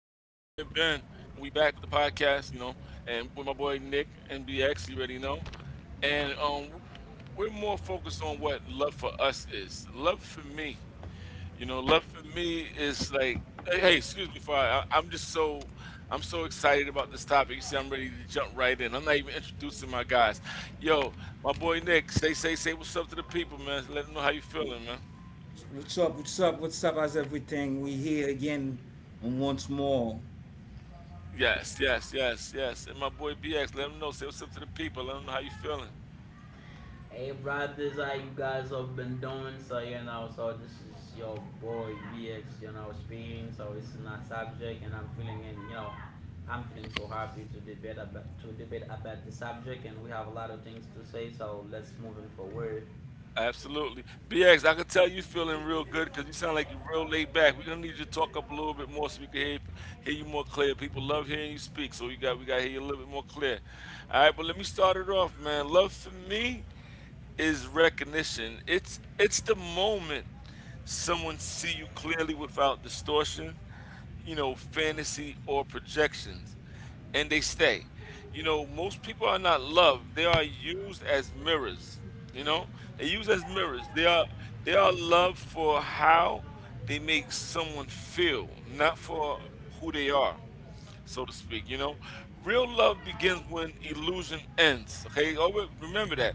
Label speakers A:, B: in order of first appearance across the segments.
A: and we back with the podcast, and with my boy Nick NBX, you already know, and we're more focused on what love for us is. Love for me, love for me is like, hey, hey, excuse me, for I'm so excited about this topic. You see, I'm ready to jump right in. I'm not even introducing my guys. Yo, my boy Nick, say, what's up to the people, man. Let them know how you feeling, man.
B: What's up? What's up? What's up? How's everything? We here again and once more.
A: Yes, yes, yes, yes. And my boy BX, let him know. Say what's up to the people. Let him know how you feeling.
C: Hey, brothers, how you guys have been doing. So this is your boy BX, speaking. So, it's not subject, and I'm feeling, I'm feeling so happy to debate about the subject, and we have a lot of things to say. So, let's move in forward.
A: Absolutely. BX, I can tell you feeling real good because you sound like you're real laid back. We're gonna need you to talk up a little bit more so we can hear you more clear. People love hearing you speak, so we gotta hear you a little bit more clear. All right, but let me start it off, man. Love for me is recognition. It's the moment someone see you clearly without distortion, fantasy or projections, and they stay. You know, most people are not loved. They are used as mirrors. You know, they use as mirrors. They are loved for how they make someone feel, not for who they are, so to speak. You know, real love begins when illusion ends. Okay, always remember that.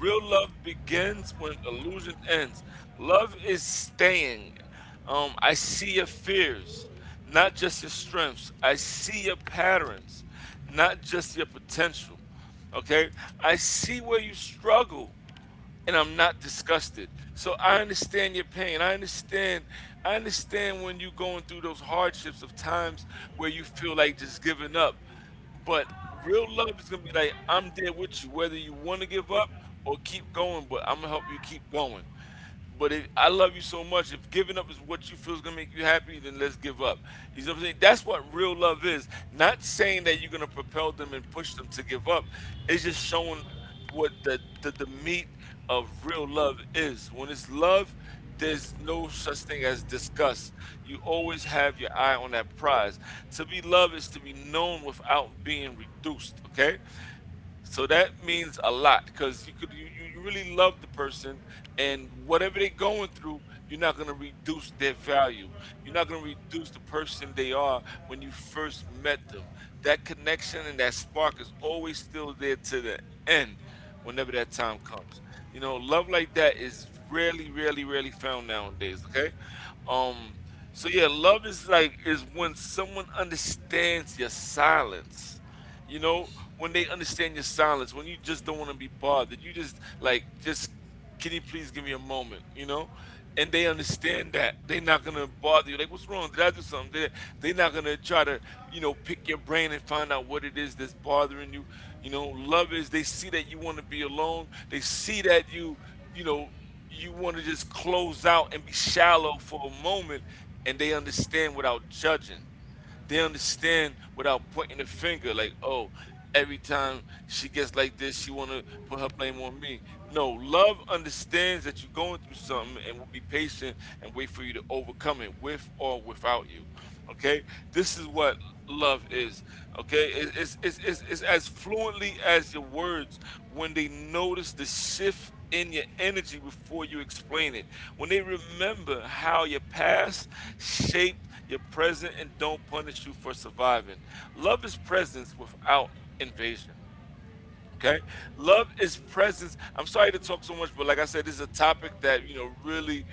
A: Real love begins when illusion ends. Love is staying. I see your fears, not just your strengths. I see your patterns, not just your potential. Okay, I see where you struggle, and I'm not disgusted. So I understand your pain. I understand. I understand when you're going through those hardships of times where you feel like just giving up. But real love is gonna be like, I'm there with you, whether you want to give up or keep going. But I'm gonna help you keep going. But if I love you so much, if giving up is what you feel is gonna make you happy, then let's give up. You know what I'm saying? That's what real love is. Not saying that you're gonna propel them and push them to give up. It's just showing what the meat of real love is. When it's love, there's no such thing as disgust. You always have your eye on that prize. To be loved is to be known without being reduced. Okay? So that means a lot because you could you, you you really love the person, and whatever they're going through, you're not gonna reduce their value. You're not gonna reduce the person they are when you first met them. That connection and that spark is always still there to the end, whenever that time comes. You know, love like that is rarely, rarely, rarely found nowadays, okay? Um so yeah, love is like is when someone understands your silence. You know,
C: Yes.
A: when they understand your silence, when you just don't want to be bothered, you just like, just, can you please give me a moment, you know? And they understand that. They're not gonna bother you. Like, what's wrong? Did I do something? They're not gonna try to, pick your brain and find out what it is that's bothering you. You know, love is they see that you wanna be alone. They see that you know, you want to just close out and be shallow for a moment, and they understand without judging. They understand without pointing the finger, like, oh, every time she gets like this, she want to put her blame on me. No, love understands that you're going through something and will be patient and wait for you to overcome it, with or without you. Okay, this is
C: You know,
A: what love is. Okay, it's as fluently as your words, when they notice the shift in your energy before you explain it. When they remember how your past shaped your present and don't punish you for surviving. Love is presence without invasion. Okay. Love is presence. I'm sorry to talk so much, but like I said, this is a topic that, really,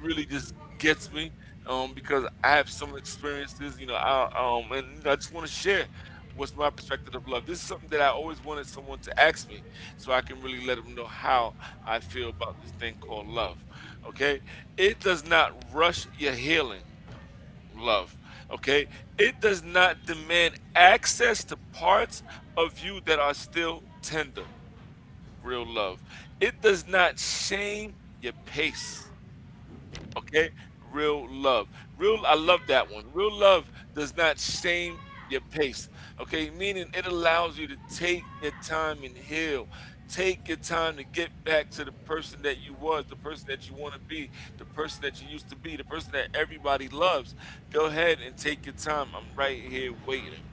A: really just gets me, because I have some experiences, and I just want to share what's my perspective of love. This is something that I always wanted someone to ask me so I can really let them know how I feel about this thing called love. Okay. It does not rush your healing. Love, okay? It does not demand access to parts of you that are still tender, real love. It does not shame your pace. Okay? Real love. Real I love that one. Real love does not shame your pace. Okay? Meaning it allows you to take your time and heal. Take your time to get back to the person that you was, the person that you want to be, the person that you used to be, the person that everybody loves. Go ahead and take your time. I'm right here waiting.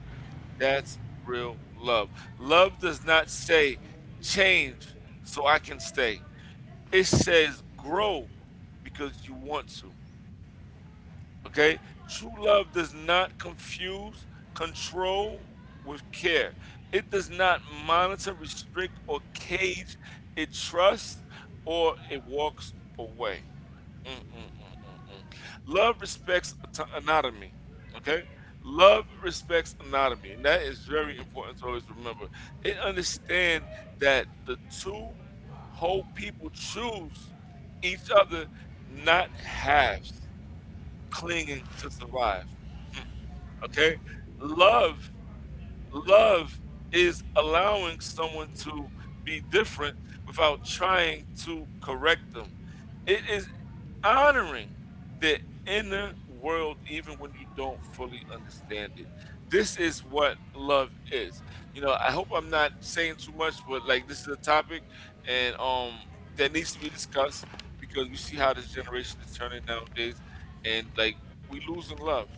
A: That's real love. Love does not say change so I can stay. It says grow because you want to. Okay? True love does not confuse control with care. It does not monitor, restrict, or cage. It trusts or it walks away. Mm-mm-mm-mm-mm. Love respects anatomy. Okay? Love respects anatomy. And that is very important to always remember. It understand that the two whole people choose each other, not halves clinging to survive. Okay? Love Love is allowing someone to be different without trying to correct them. It is honoring the inner world even when you don't fully understand it. This is what love is. You know, I hope I'm not saying too much, but like, this is a topic, and that needs to be discussed, because we see how this generation is turning nowadays, and like, we losing love,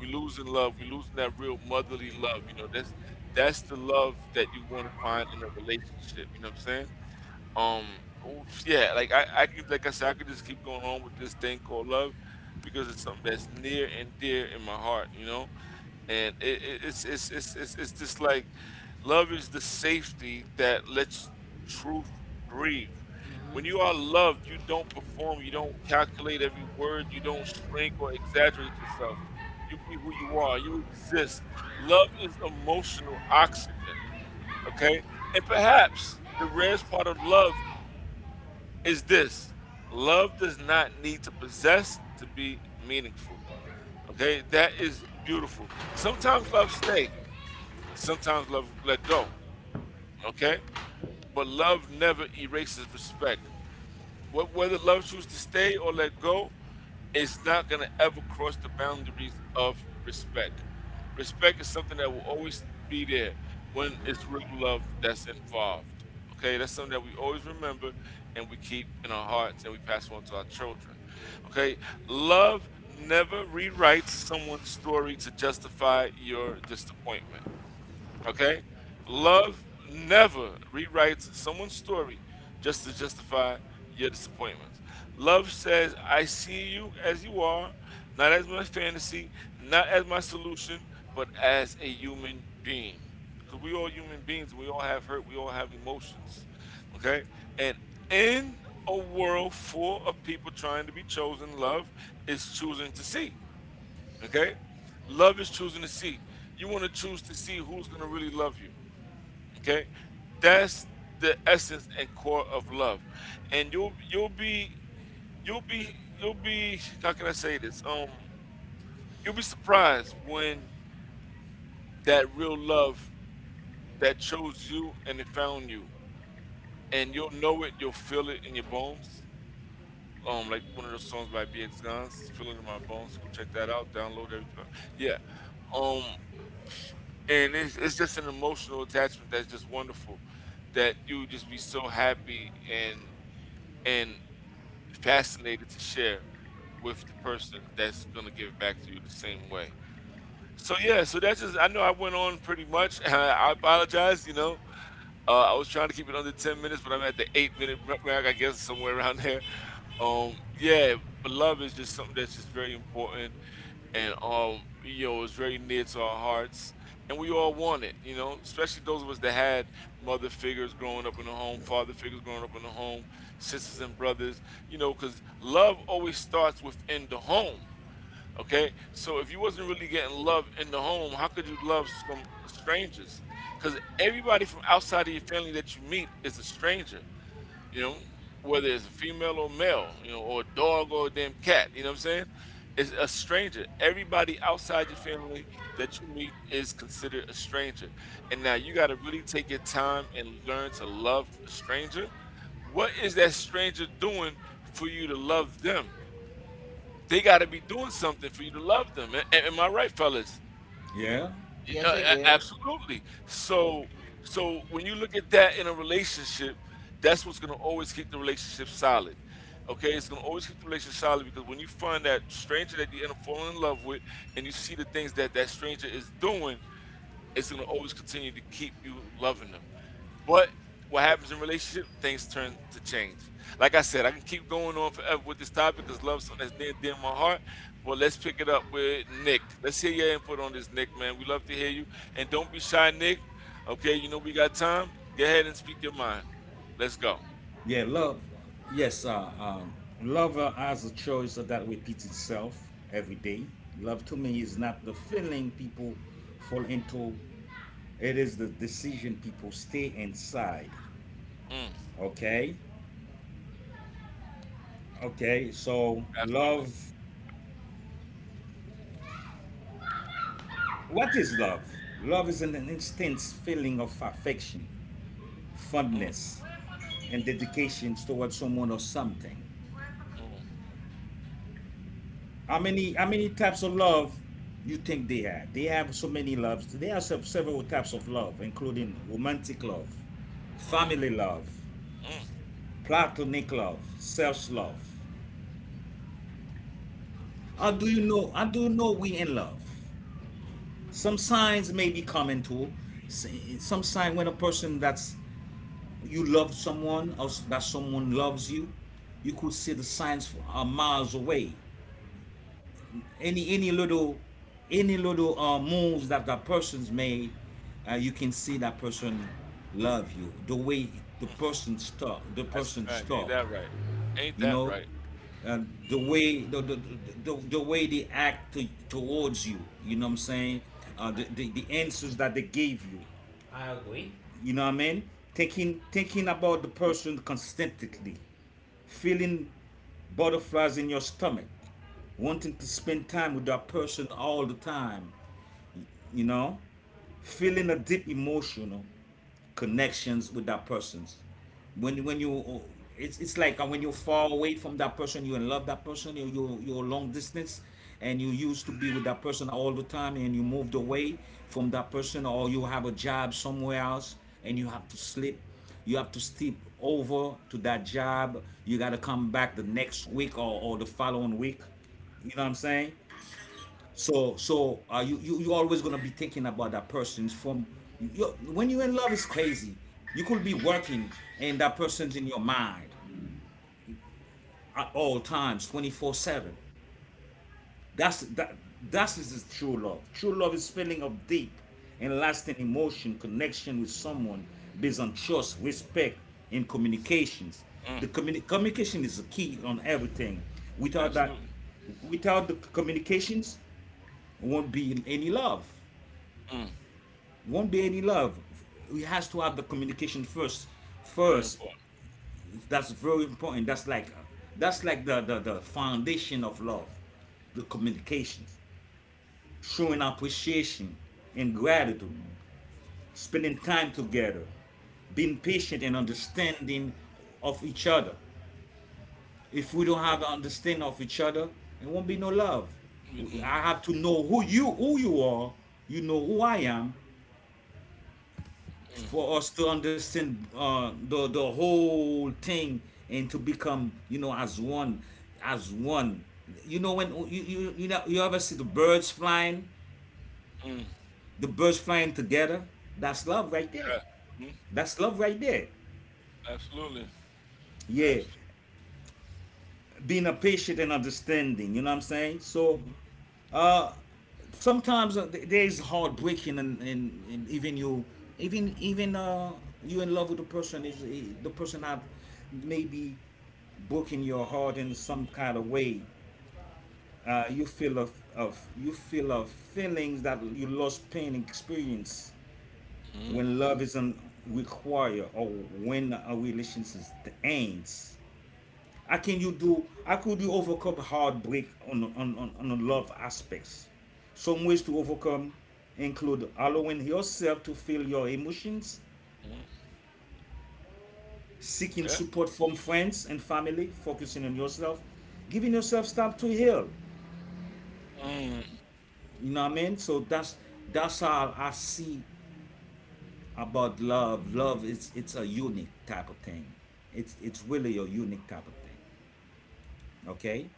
A: we losing love. We losing that real motherly love. You know, that's the love that you want to find in a relationship. You know what I'm saying? Um, oof, yeah. Like, I could, like I said, I could just keep going on with this thing called love, because it's something that's near and dear in my heart. You know, and it, it's just like, love is the safety that lets truth breathe. When you
C: Mm-hmm.
A: are loved, you don't perform, you don't calculate every word, you don't shrink or exaggerate yourself. You be who you are. You exist. Love is emotional oxygen. Okay, and perhaps the rarest part of love is this: love does not need to possess to be meaningful. Okay, that is beautiful. Sometimes love stays. Sometimes love let go, okay? But love never erases respect. Whether love chooses to stay or let go, it's not going to ever cross the boundaries of respect. Respect is something that will always be there when it's real love that's involved. Okay, that's something that we always remember, and we keep in our hearts, and we pass on to our children. Okay, love never rewrites someone's story to justify your disappointment. Okay? Love never rewrites someone's story just to justify your disappointments. Love says, I see you as you are, not as my fantasy, not as my solution, but as a human being. Because we all human beings, we all have hurt, we all have emotions. Okay? And in a world full of people trying to be chosen, love is choosing to see. Okay? Love is choosing to see. You want to choose to see who's going to really love you. Okay? That's the essence and core of love. And you'll be you'll be how can I say this? You'll be surprised when that real love that chose you and it found you. And you'll know it, you'll feel it in your bones. Like one of those songs by BX Guns, Feel It in My Bones. Go check that out, download it. Yeah. Um. And it's just an emotional attachment that's just wonderful, that you would just be so happy and and fascinated to share with the person that's going to give it back to you the same way. So yeah, so that's just, I know I went on pretty much. I apologize. I was trying to keep it under 10 minutes, but I'm at the 8 minute mark, I guess, somewhere around there. Um, yeah, but love is just something that's just very important, and it's very near to our hearts, and we all want it, you know, especially those of us that had mother figures growing up in the home, father figures growing up in the home, sisters and brothers, you know, because love always starts within the home. Okay, so if you wasn't really getting love in the home, how could you love some strangers? Because everybody from outside of your family that you meet is a stranger, you know, whether it's a female or male, you know, or a dog or a damn cat, you know what I'm saying? It's a stranger. Everybody outside your family that you meet is considered a stranger. And now you got to really take your time and learn to love a stranger. What is that stranger doing for you to love them? They got to be doing something for you to love them. Am I right, fellas?
B: Yeah,
C: Yes, I get.
A: Absolutely. So when you look at that in a relationship, that's what's going to always keep the relationship solid. Okay, it's going to always keep the relationship solid because when you find that stranger that you end up falling in love with, and you see the things that that stranger is doing, it's going to always continue to keep you loving them. But what happens in relationship, things turn to change. Like I said, I can keep going on forever with this topic because love something that's near and dear to my heart. But let's pick it up with Nick. Let's hear your input on this, Nick, man. We love to hear you. And don't be shy, Nick. Okay, you know we got time. Go ahead and speak your mind. Let's go.
B: yeah. Love, yes. Love has a choice that repeats itself every day. Love to me is not the feeling people fall into. It is the decision people stay inside.
A: Mm,
B: Okay, okay. So
A: absolutely.
B: love. What is love? Love is an intense feeling of affection,
A: Mm,
B: fondness, and dedication towards someone or something.
A: mm,
B: How many types of love you think they have? They have so many loves. They have several types of love, including romantic love, family
A: mm,
B: love,
A: mm.
B: platonic love, self love. How do you know? How do you know we in love? Some signs may be common to. Some sign when a person that's you love someone or that someone loves you, you could see the signs a miles away. any any little any little moves that that person's made, you can see that person love you, the way the person's talk the
A: That's a
B: person's
A: fact. Ain't
B: talk
A: that right? Ain't
B: you
A: that
B: know,
A: right?
B: and the way the way they act towards you, you know what I'm saying, the answers that they gave you,
C: I agree.
B: you know what I mean, thinking about the person constantly, feeling butterflies in your stomach, wanting to spend time with that person all the time, you know, feeling a deep emotional connections with that persons. When you, it's like when you're far away from that person you in love that person you're long distance, and you used to be with that person all the time and you moved away from that person or you have a job somewhere else, and you have to sleep, you have to step over to that job, you got to come back the next week or the following week, you know what I'm saying. So you always gonna be thinking about that person's from you, you, when you're in love is crazy. You could be working and that person's in your mind at all times, 24/7. That that is the true love. True love is feeling of deep and lasting emotion connection with someone based on trust, respect, and communications. The
A: Mm,
B: communication is the key on everything. Without that,
A: absolutely.
B: without the communications, won't be any love.
A: Mm,
B: Won't be any love. It has to have the communication first.
A: very
B: First,
A: important.
B: that's very important. That's like the the foundation of love, the communication, showing appreciation and gratitude, spending time together, being patient and understanding of each other. If we don't have an understanding of each other, it won't be no love.
A: Mm, mm,
B: I have to know who you are. You know who I am,
A: mm,
B: for us to understand the whole thing, and to become, you know, as one, as one. You know when you you ever see the birds flying,
A: mm.
B: the birds flying together, that's love right there,
A: Yeah. Mm,
B: that's love right there.
A: absolutely.
B: Yeah,
A: Abs-.
B: being a patient and understanding, you know what I'm saying. So
A: Mm,
B: sometimes, there is heartbreaking, and even you, even you in love with the person is, the person that maybe broken your heart in
A: mm,
B: some kind of way, uh, you feel of you feel of feelings that you lost pain experience
A: mm,
B: when love isn't required or when a relationship ends. How can you do? How could you overcome heartbreak on love aspects? Some ways to overcome include allowing yourself to feel your emotions,
A: mm.
B: seeking
A: Yeah.
B: support from friends and family, focusing on yourself, giving yourself time to heal.
A: Mm.
B: You know what I mean? So that's all I see about love. Love is, it's a unique type of thing. It's really a unique type of thing. Okay.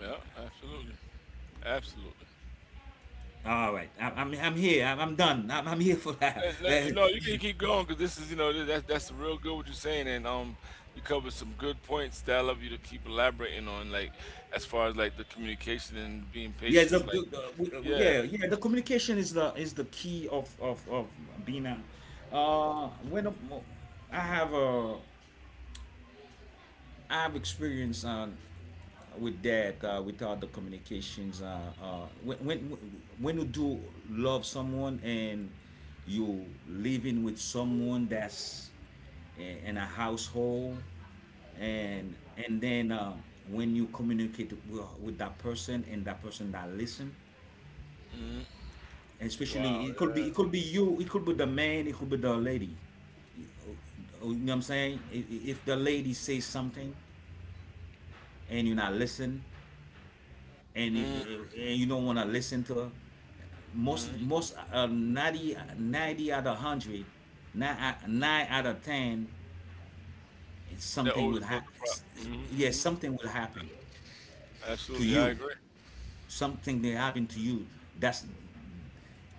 A: Yeah. Absolutely. Absolutely.
B: All right, I'm here. I'm done. I'm here for that.
A: No, no, you can keep going because this is, you know, that, that's real good what you're saying, and you covered some good points that I love you to keep elaborating on, like as far as like the communication and being
B: Yes,
A: patient. Like, yeah,
B: yeah, yeah. The communication is the key of being a. When I have a, I have experience on with that, with all the communications. When you do love someone and you living with someone that's in a household, and then, when you communicate with that person and that person that listen, especially
A: wow,
B: it could be, it could be you, it could be the man, it could be the lady. Oh, you know what I'm saying, if the lady says something and you're not listen,
A: yeah, mm,
B: and you don't want to listen to her, most
A: mm.
B: most 90 ninety out of hundred, 9 out of 10, it's
A: That
B: something
A: always
B: will
A: caused
B: happen,
A: the problem. Mm,
B: yes,
A: mm.
B: something will happen to
A: Absolutely, I
B: you,
A: agree.
B: something that happened to you. that's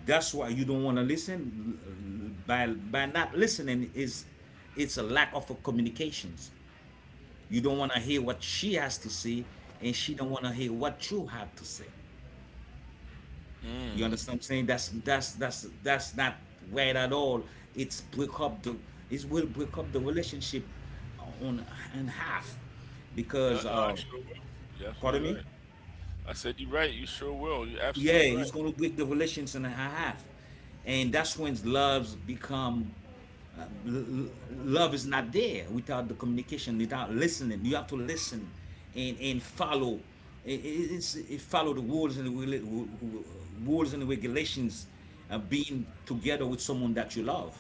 B: That's why you don't want to listen. By not listening is, it's a lack of a communications. You don't want to hear what she has to say, and she don't want to hear what you have to say. You
A: Mm.
B: understand what I'm saying? That's not right at all. It's break up the it will break up the relationship on in half,
A: Yeah,
B: because,
A: no, I sure will. You're
B: pardon
A: absolutely
B: me.
A: right. I said you're right. You sure will. You're
B: Yeah,
A: absolutely
B: he's
A: right.
B: gonna get the relations and a half, and that's when loves become. Love is not there without the communication, without listening. You have to listen and follow. It's it follow the rules, and the rules and regulations of being together with someone that you love.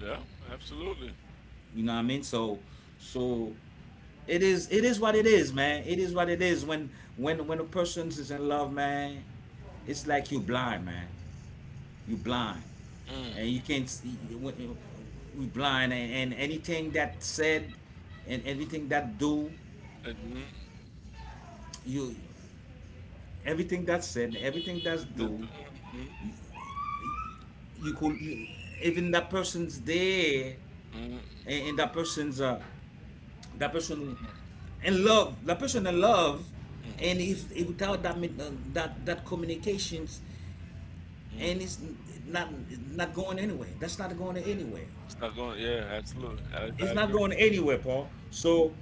A: Yeah, absolutely.
B: You know what I mean? So, so it is, it is what it is, man. It is what it is. When a person is in love, man, it's like you blind, man. You blind,
A: Mm.
B: and you can't see. We blind, and anything that said, and everything that do,
A: It-. Mm.
B: you, everything that said, everything that's
A: It-
B: do,
A: it-
B: you could, you, even that person's there,
A: mm, mm,
B: and that person's, that person,
A: mm,
B: in love, that person in love,
A: mm, mm,
B: and if without that, that communications,
A: mm.
B: and it's not, not going anywhere. That's not going anywhere.
A: It's not going. Yeah, absolutely. I,
B: It's
A: I
B: not
A: agree.
B: going anywhere, Paul. So,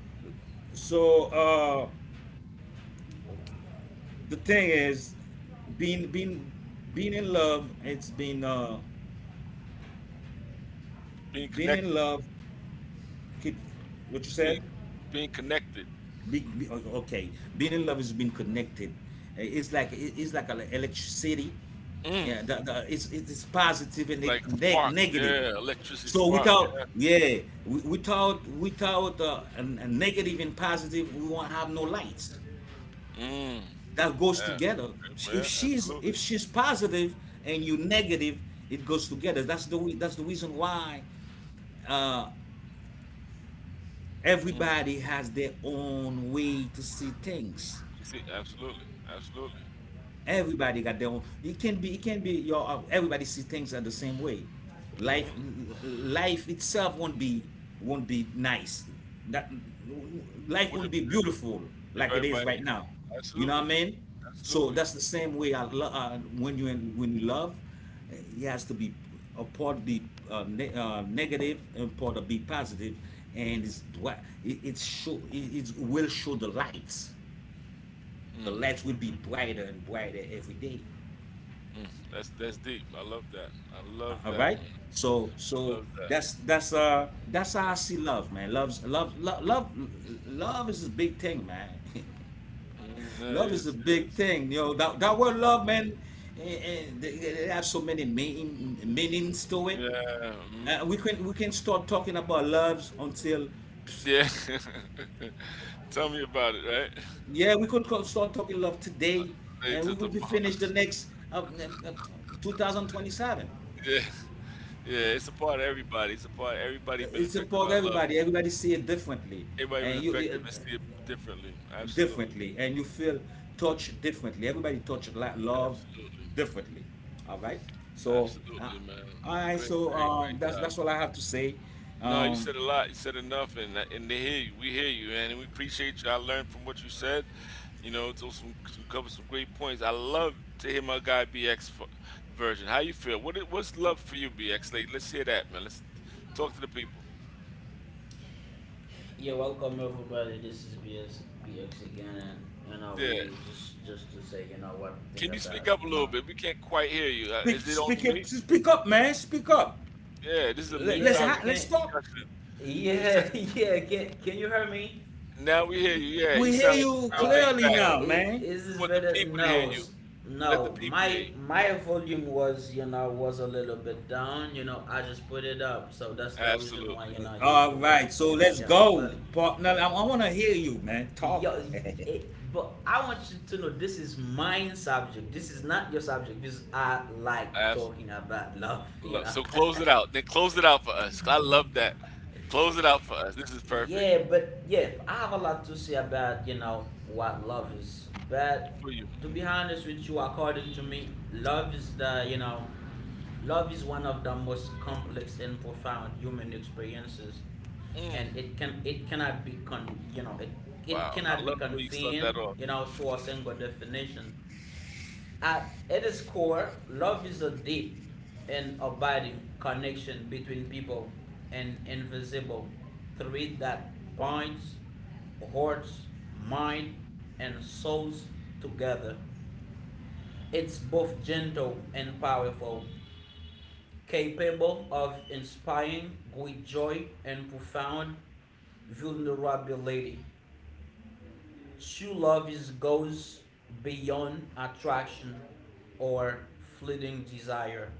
B: so uh, the thing
A: Mm.
B: is, being being being in love. It's been
A: Being
B: being in
A: connected.
B: love, could- what you
A: Just
B: said?
A: being being connected.
B: Okay, being in love is being connected. It's like, it's like electricity.
A: Mm.
B: Yeah, the, it's positive and
A: It's like a spark.
B: negative.
A: Yeah, electricity
B: So
A: spark.
B: without,
A: Yeah.
B: yeah, without, a negative and positive, we won't have no lights.
A: Mm.
B: That goes
A: Yeah.
B: together. If
A: Yeah.
B: she's,
A: Absolutely.
B: if she's positive and you negative, it goes together. That's the that's the reason why
A: Mm.
B: everybody has their own way to see things.
A: You see, absolutely, absolutely.
B: Everybody got their own. It can be. It can be your. Everybody see things are the same way, life,
A: Mm.
B: life itself won't be, won't be nice. That life
A: Would it,
B: won't be beautiful
A: if
B: like it is
A: everybody?
B: right now.
A: Yeah,
B: You know what
A: absolutely,
B: I mean? So
A: absolutely.
B: that's the same way. When you in, when you love, it has to be a part be, negative and part of be positive, and it show, it will show the lights. The
A: Mm.
B: lights will be
C: Hmm.
B: brighter and brighter every day.
A: Mm, that's deep. I love that. I love
B: All
A: that,
B: right.
A: man.
B: So
A: I
B: so
A: love that.
B: that's that's how I see love, man. Love, love is a big thing, man.
A: Mm, no, it
B: Love is a
A: is. It
B: big
A: is.
B: thing. You know that that word love, man. They have so many meanings to it.
A: Yeah. Mm,
B: We can, we can start talking about loves until,
A: yeah. Tell me about it, right?
B: yeah, we could start talking love today,
A: They
B: and we
A: took the
B: will be
A: mo-.
B: finished the next 2027.
A: Yeah. Yeah. It's a part of everybody. It's a part. Everybody been
B: It's
A: affected
B: about
A: by love.
B: everybody, everybody see it differently,
A: Everybody been
B: and you,
A: affected and see it differently. Absolutely.
B: differently, and you feel touched differently. Everybody touched love
A: Absolutely.
B: differently. All right. So,
A: Absolutely, man.
B: all right.
A: Great,
B: So,
A: great, great
B: that's
A: job.
B: that's all I have to say.
A: No, you
B: Um,
A: said a lot. You said enough, and they hear you. We hear you, man, and we appreciate you. I learned from what you said. You know, those some covered some great points. I love to hear my guy BX version. How you feel? What's love for you, BX? Like, let's hear that, man. Let's talk to the people.
C: Yeah, welcome everybody. BX again, and we
A: Yeah,
C: here just to say what we think
A: can you
C: about
A: speak up a
C: you
A: little
C: know.
A: bit? We can't quite hear you.
B: speak,
A: Is it only
B: speak it,
A: me?
B: speak up, man. Speak up.
A: Yeah, this is a
B: Let,
A: big
B: let's
C: Yeah,
A: topic, big
C: can
B: let's talk.
A: discussion. You said
C: yeah, yeah, can you hear me?
A: now we hear you. Yeah, you
B: We hear
A: sound like
B: you
A: you're real
C: Uh
A: laid
B: clearly
A: back.
C: uh,
B: now,
C: is,
B: man.
C: is
A: We
C: this
A: want the
C: better?
A: people to hear
C: No,
A: you. Let the
C: no.
A: people hear
C: My
A: you.
C: my volume was was a little bit down. You know I just put it up, so that's the reason why
A: Absolutely.
C: you
B: All
C: couldn't
B: right. So let's
C: get me
B: go,
C: clearly.
B: partner. I want to hear you, man,
C: Yo,
B: talking.
C: it, but I want you to know this is my subject. This is not your subject because I like
A: Absolutely.
C: talking about love, you
A: Lo-.
C: know.
A: So close it out. Then close it out for us. I love that. Close it out for us. This is perfect
C: Yeah, but yeah, I have a lot to say about, you know, what love is. But
A: for you.
C: to be honest with you, according to me, love is one of the most complex and profound human experiences.
A: Mm.
C: And it cannot be con you know, it
A: Mm.
C: it
A: Wow. I
C: cannot be
A: love the way you start
C: confined,
A: that off.
C: you know, to a single definition. At its core, love is a deep and abiding connection between people, an invisible thread that binds hearts, mind, and souls together. It's both gentle and powerful, capable of inspiring great joy and profound vulnerability. True love is goes beyond attraction or fleeting desire.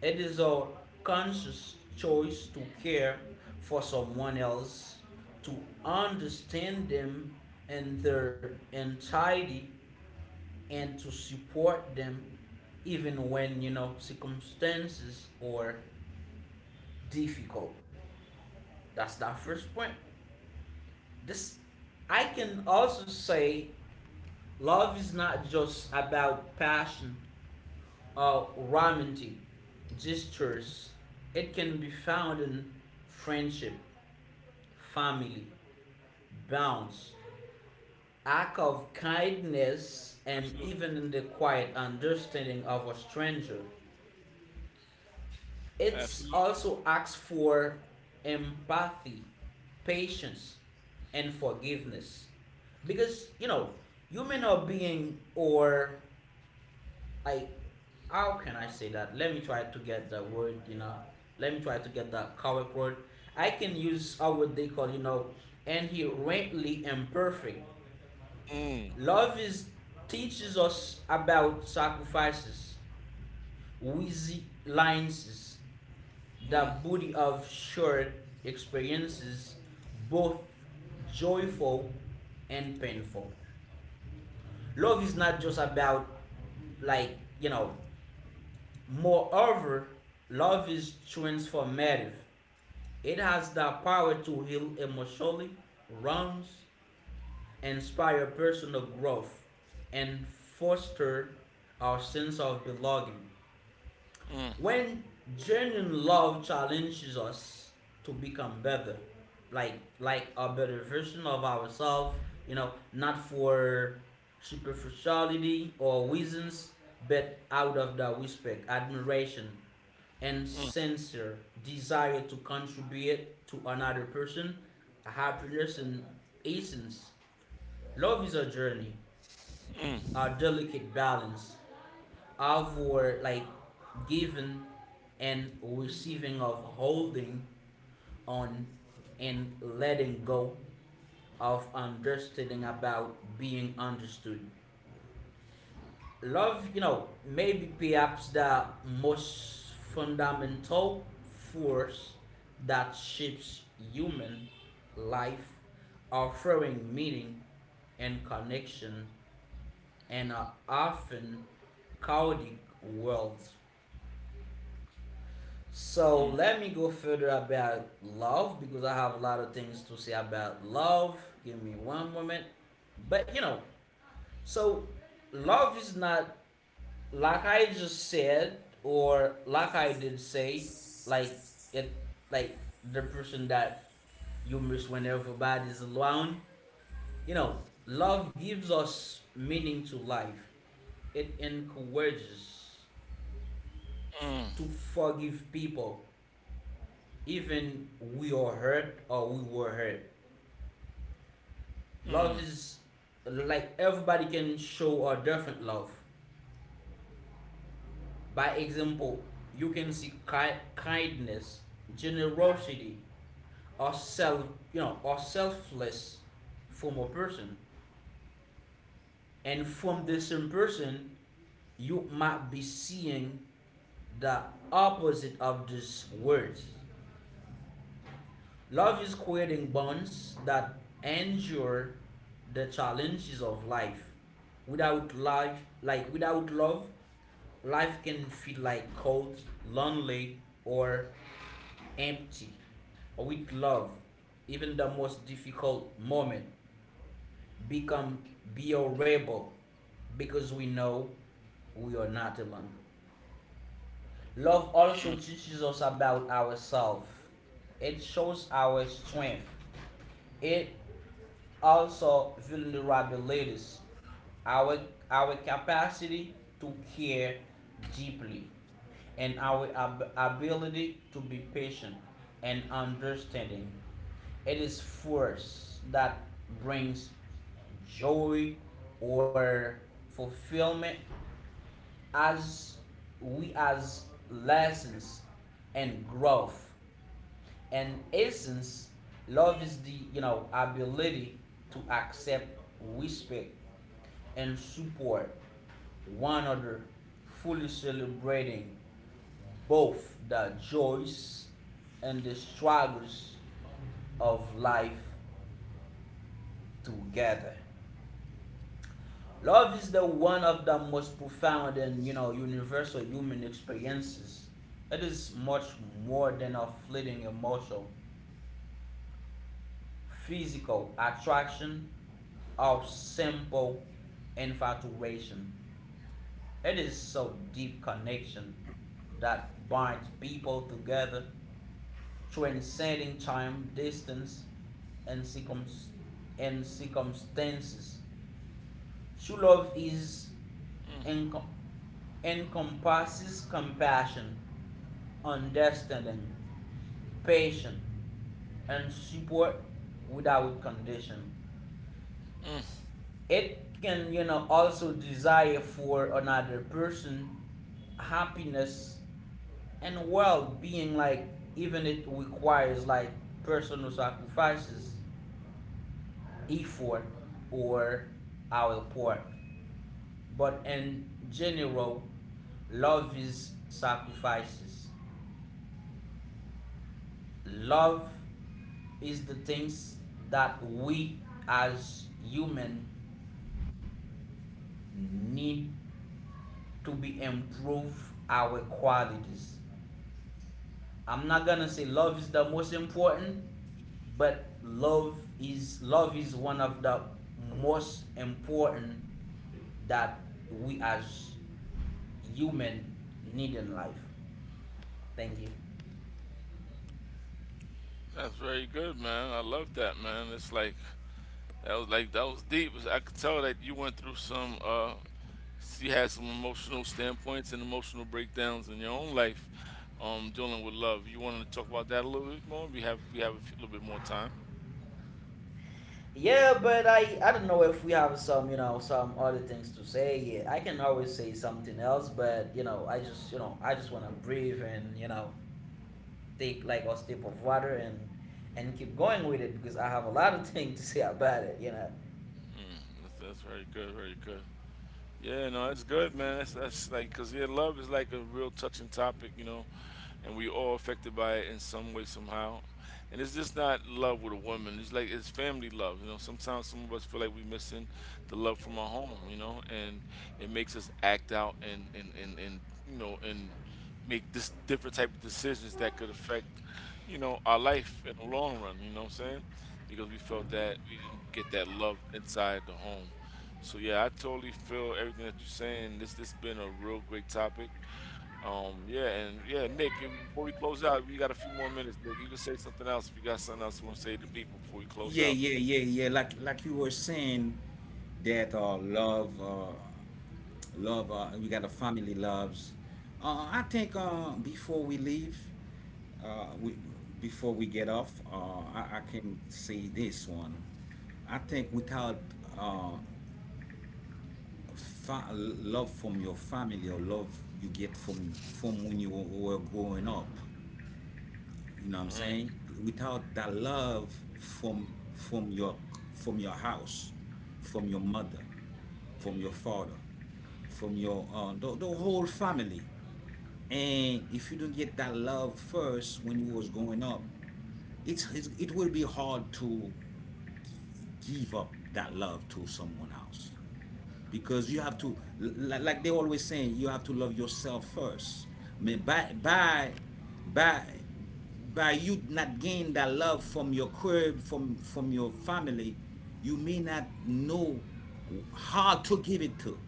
C: It is our conscious choice to care for someone else, to understand them in their entirety, and to support them even when, you know, circumstances are difficult. That's that first point. This, I can also say, love is not just about passion or romantic gestures. It can be found in friendship, family, bounds, act of kindness, and
A: Absolutely.
C: even the quiet understanding of a stranger. It
A: Absolutely.
C: also asks for empathy, patience, and forgiveness. Because, you know, human are being or I, how can I say that? Let me try to get the word, you know. Let me try to get the correct word. I can use how what they call, you know, inherently imperfect.
A: Mm.
C: Love is teaches us about sacrifices, wheezy lines,
A: Mm.
C: the beauty of shared experiences, both joyful and painful. Love is not just about like you know. Moreover, love is transformative. It has the power to heal emotionally wounds, inspire personal growth, and foster our sense of belonging.
A: Mm.
C: When genuine love challenges us to become better, like like a better version of ourselves, you know, not for superficiality or reasons, but out of the respect, admiration, and
A: Mm.
C: sincere desire to contribute to another person, happiness and essence. Love is a journey, a delicate balance of our like giving and receiving, of holding on and letting go, of understanding about being understood. Love, you know, maybe perhaps the most fundamental force that shapes human life, offering meaning and connection and are often called worlds. So let me go further about love because I have a lot of things to say about love. Give me one moment. But you know, so love is not like I just said or like I did say, like it, like the person that you miss when everybody's alone. You know, love gives us meaning to life. It encourages to forgive people, even we are hurt or we were hurt. Love is like everybody can show a different love. By example, you can see kindness, generosity, or self, you know, or selfless from a person, and from the same person, you might be seeing the opposite of these words. Love is creating bonds that endure the challenges of life. Without life, like without love, life can feel like cold, lonely, or empty. With love, even the most difficult moment become bearable because we know we are not alone. Love also teaches us about ourselves. It shows our strength. It also vulnerabilities, our, our capacity to care deeply, and our ability to be patient and understanding. It is force that brings joy or fulfillment as we as lessons and growth and essence. Love is the, you know, ability to accept, respect, and support one another, fully celebrating both the joys and the struggles of life together. Love is the one of the most profound and, you know, universal human experiences. It is much more than a fleeting emotional, physical attraction of simple infatuation. It is so deep connection that binds people together, transcending time, distance, and, circum and circumstances. True love is
A: Mm.
C: en encompasses compassion, understanding, patience, and support without condition.
A: Mm.
C: It can, you know, also desire for another person happiness and well-being, like even it requires like personal sacrifices effort or our part, but in general love is sacrifices. Love is the things that we as human need to be improve our qualities. I'm not gonna say love is the most important, but love is one of the most important that we as human need in life. Thank you.
A: That's very good, man. I love that, man. It's like that was deep. I could tell that you went through some. You had some emotional standpoints and emotional breakdowns in your own life, dealing with love. You wanted to talk about that a little bit more. We have a few- little bit more time.
C: Yeah, but I don't know if we have some, you know, some other things to say. Yeah, I can always say something else, but I just wanna breathe and, you know, take like a sip of water and keep going with it because I have a lot of things to say about it. You know.
A: That's very good, very good. Yeah, no, that's good, man. That's like because yeah, love is like a real touching topic, you know, and we all affected by it in some way somehow. And it's just not love with a woman. It's like it's family love. You know, sometimes some of us feel like we're missing the love from our home. You know, and it makes us act out and and you know and make this different type of decisions that could affect you know our life in the long run. You know what I'm saying? Because we felt that
C: Mm-hmm.
A: we didn't get that love inside the home. So yeah, I totally feel everything that you're saying. This been a real great topic. Yeah, and yeah, Nick, before we close out, we got a few more minutes. Nick, you can say something else if you got something else you want to say to people before we close
B: Yeah,
A: out.
B: yeah, yeah, yeah. Like you were saying that love, love, we got a family loves. I think, before we leave, we, before we get off, I can say this one. I think without, uh love from your family, or love you get from when you were growing up, you know what I'm
A: Mm,
B: saying? Without that love from your, from your house, from your mother, from your father, from your, the whole family. And if you don't get that love first when you was growing up, it's, it will be hard to give up that love to someone else, because you have to, like they always saying, you have to love yourself first. I mean, by by you not gain that love from your crib, from your family, you may not know how to give it to.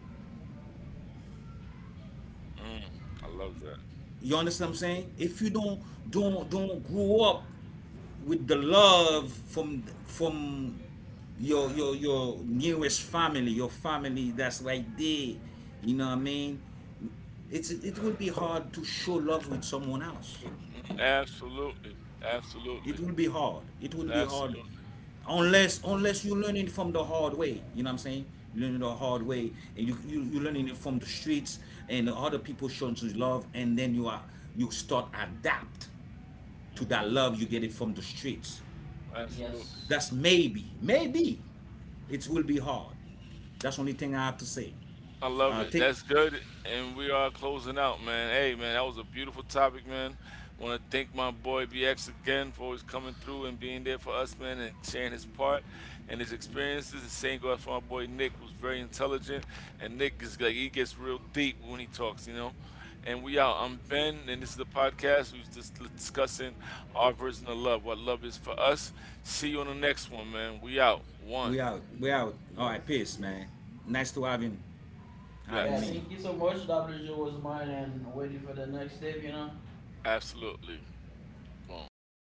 A: mm, I love that.
B: You understand what I'm saying? If you don't grow up with the love from your your nearest family, your family that's right there. You know what I mean? It's, it will be hard to show love with someone else.
A: Mm, absolutely,
B: It
A: absolutely,
B: will be hard. It will be hard,
A: absolutely,
B: unless, unless you learn it from the hard way. You know what I'm saying? You learn it the hard way, and you learning it from the streets, and other people showing you love, and then you are, you, start adapt to that
C: Mm-hmm.
B: love you get it from the streets.
A: absolutely.
C: Yes.
B: That's maybe, maybe, it will be hard. That's the only thing I have to say.
A: I love it.
B: Take,
A: That's good. And we are closing out, man. Hey, man, that was a beautiful topic, man. Want to thank my boy BX again for always coming through and being there for us, man, and sharing his part and his experiences. The same goes for my boy Nick, who's very intelligent. And Nick is like, he gets real deep when he talks, you know? And we out. I'm Ben, and this is the podcast. We're just discussing our version of love, what love is for us. See you on the next one, man. We out. One.
B: we out,
C: E-
B: we out. All
C: Yes.
B: right, peace,
C: Yes.
B: man. Nice to
C: Yeah,
B: having
A: Yes.
C: thank
B: me.
C: you so much. WJ was mine and waiting for the next step, you know.
A: Absolutely. Boom.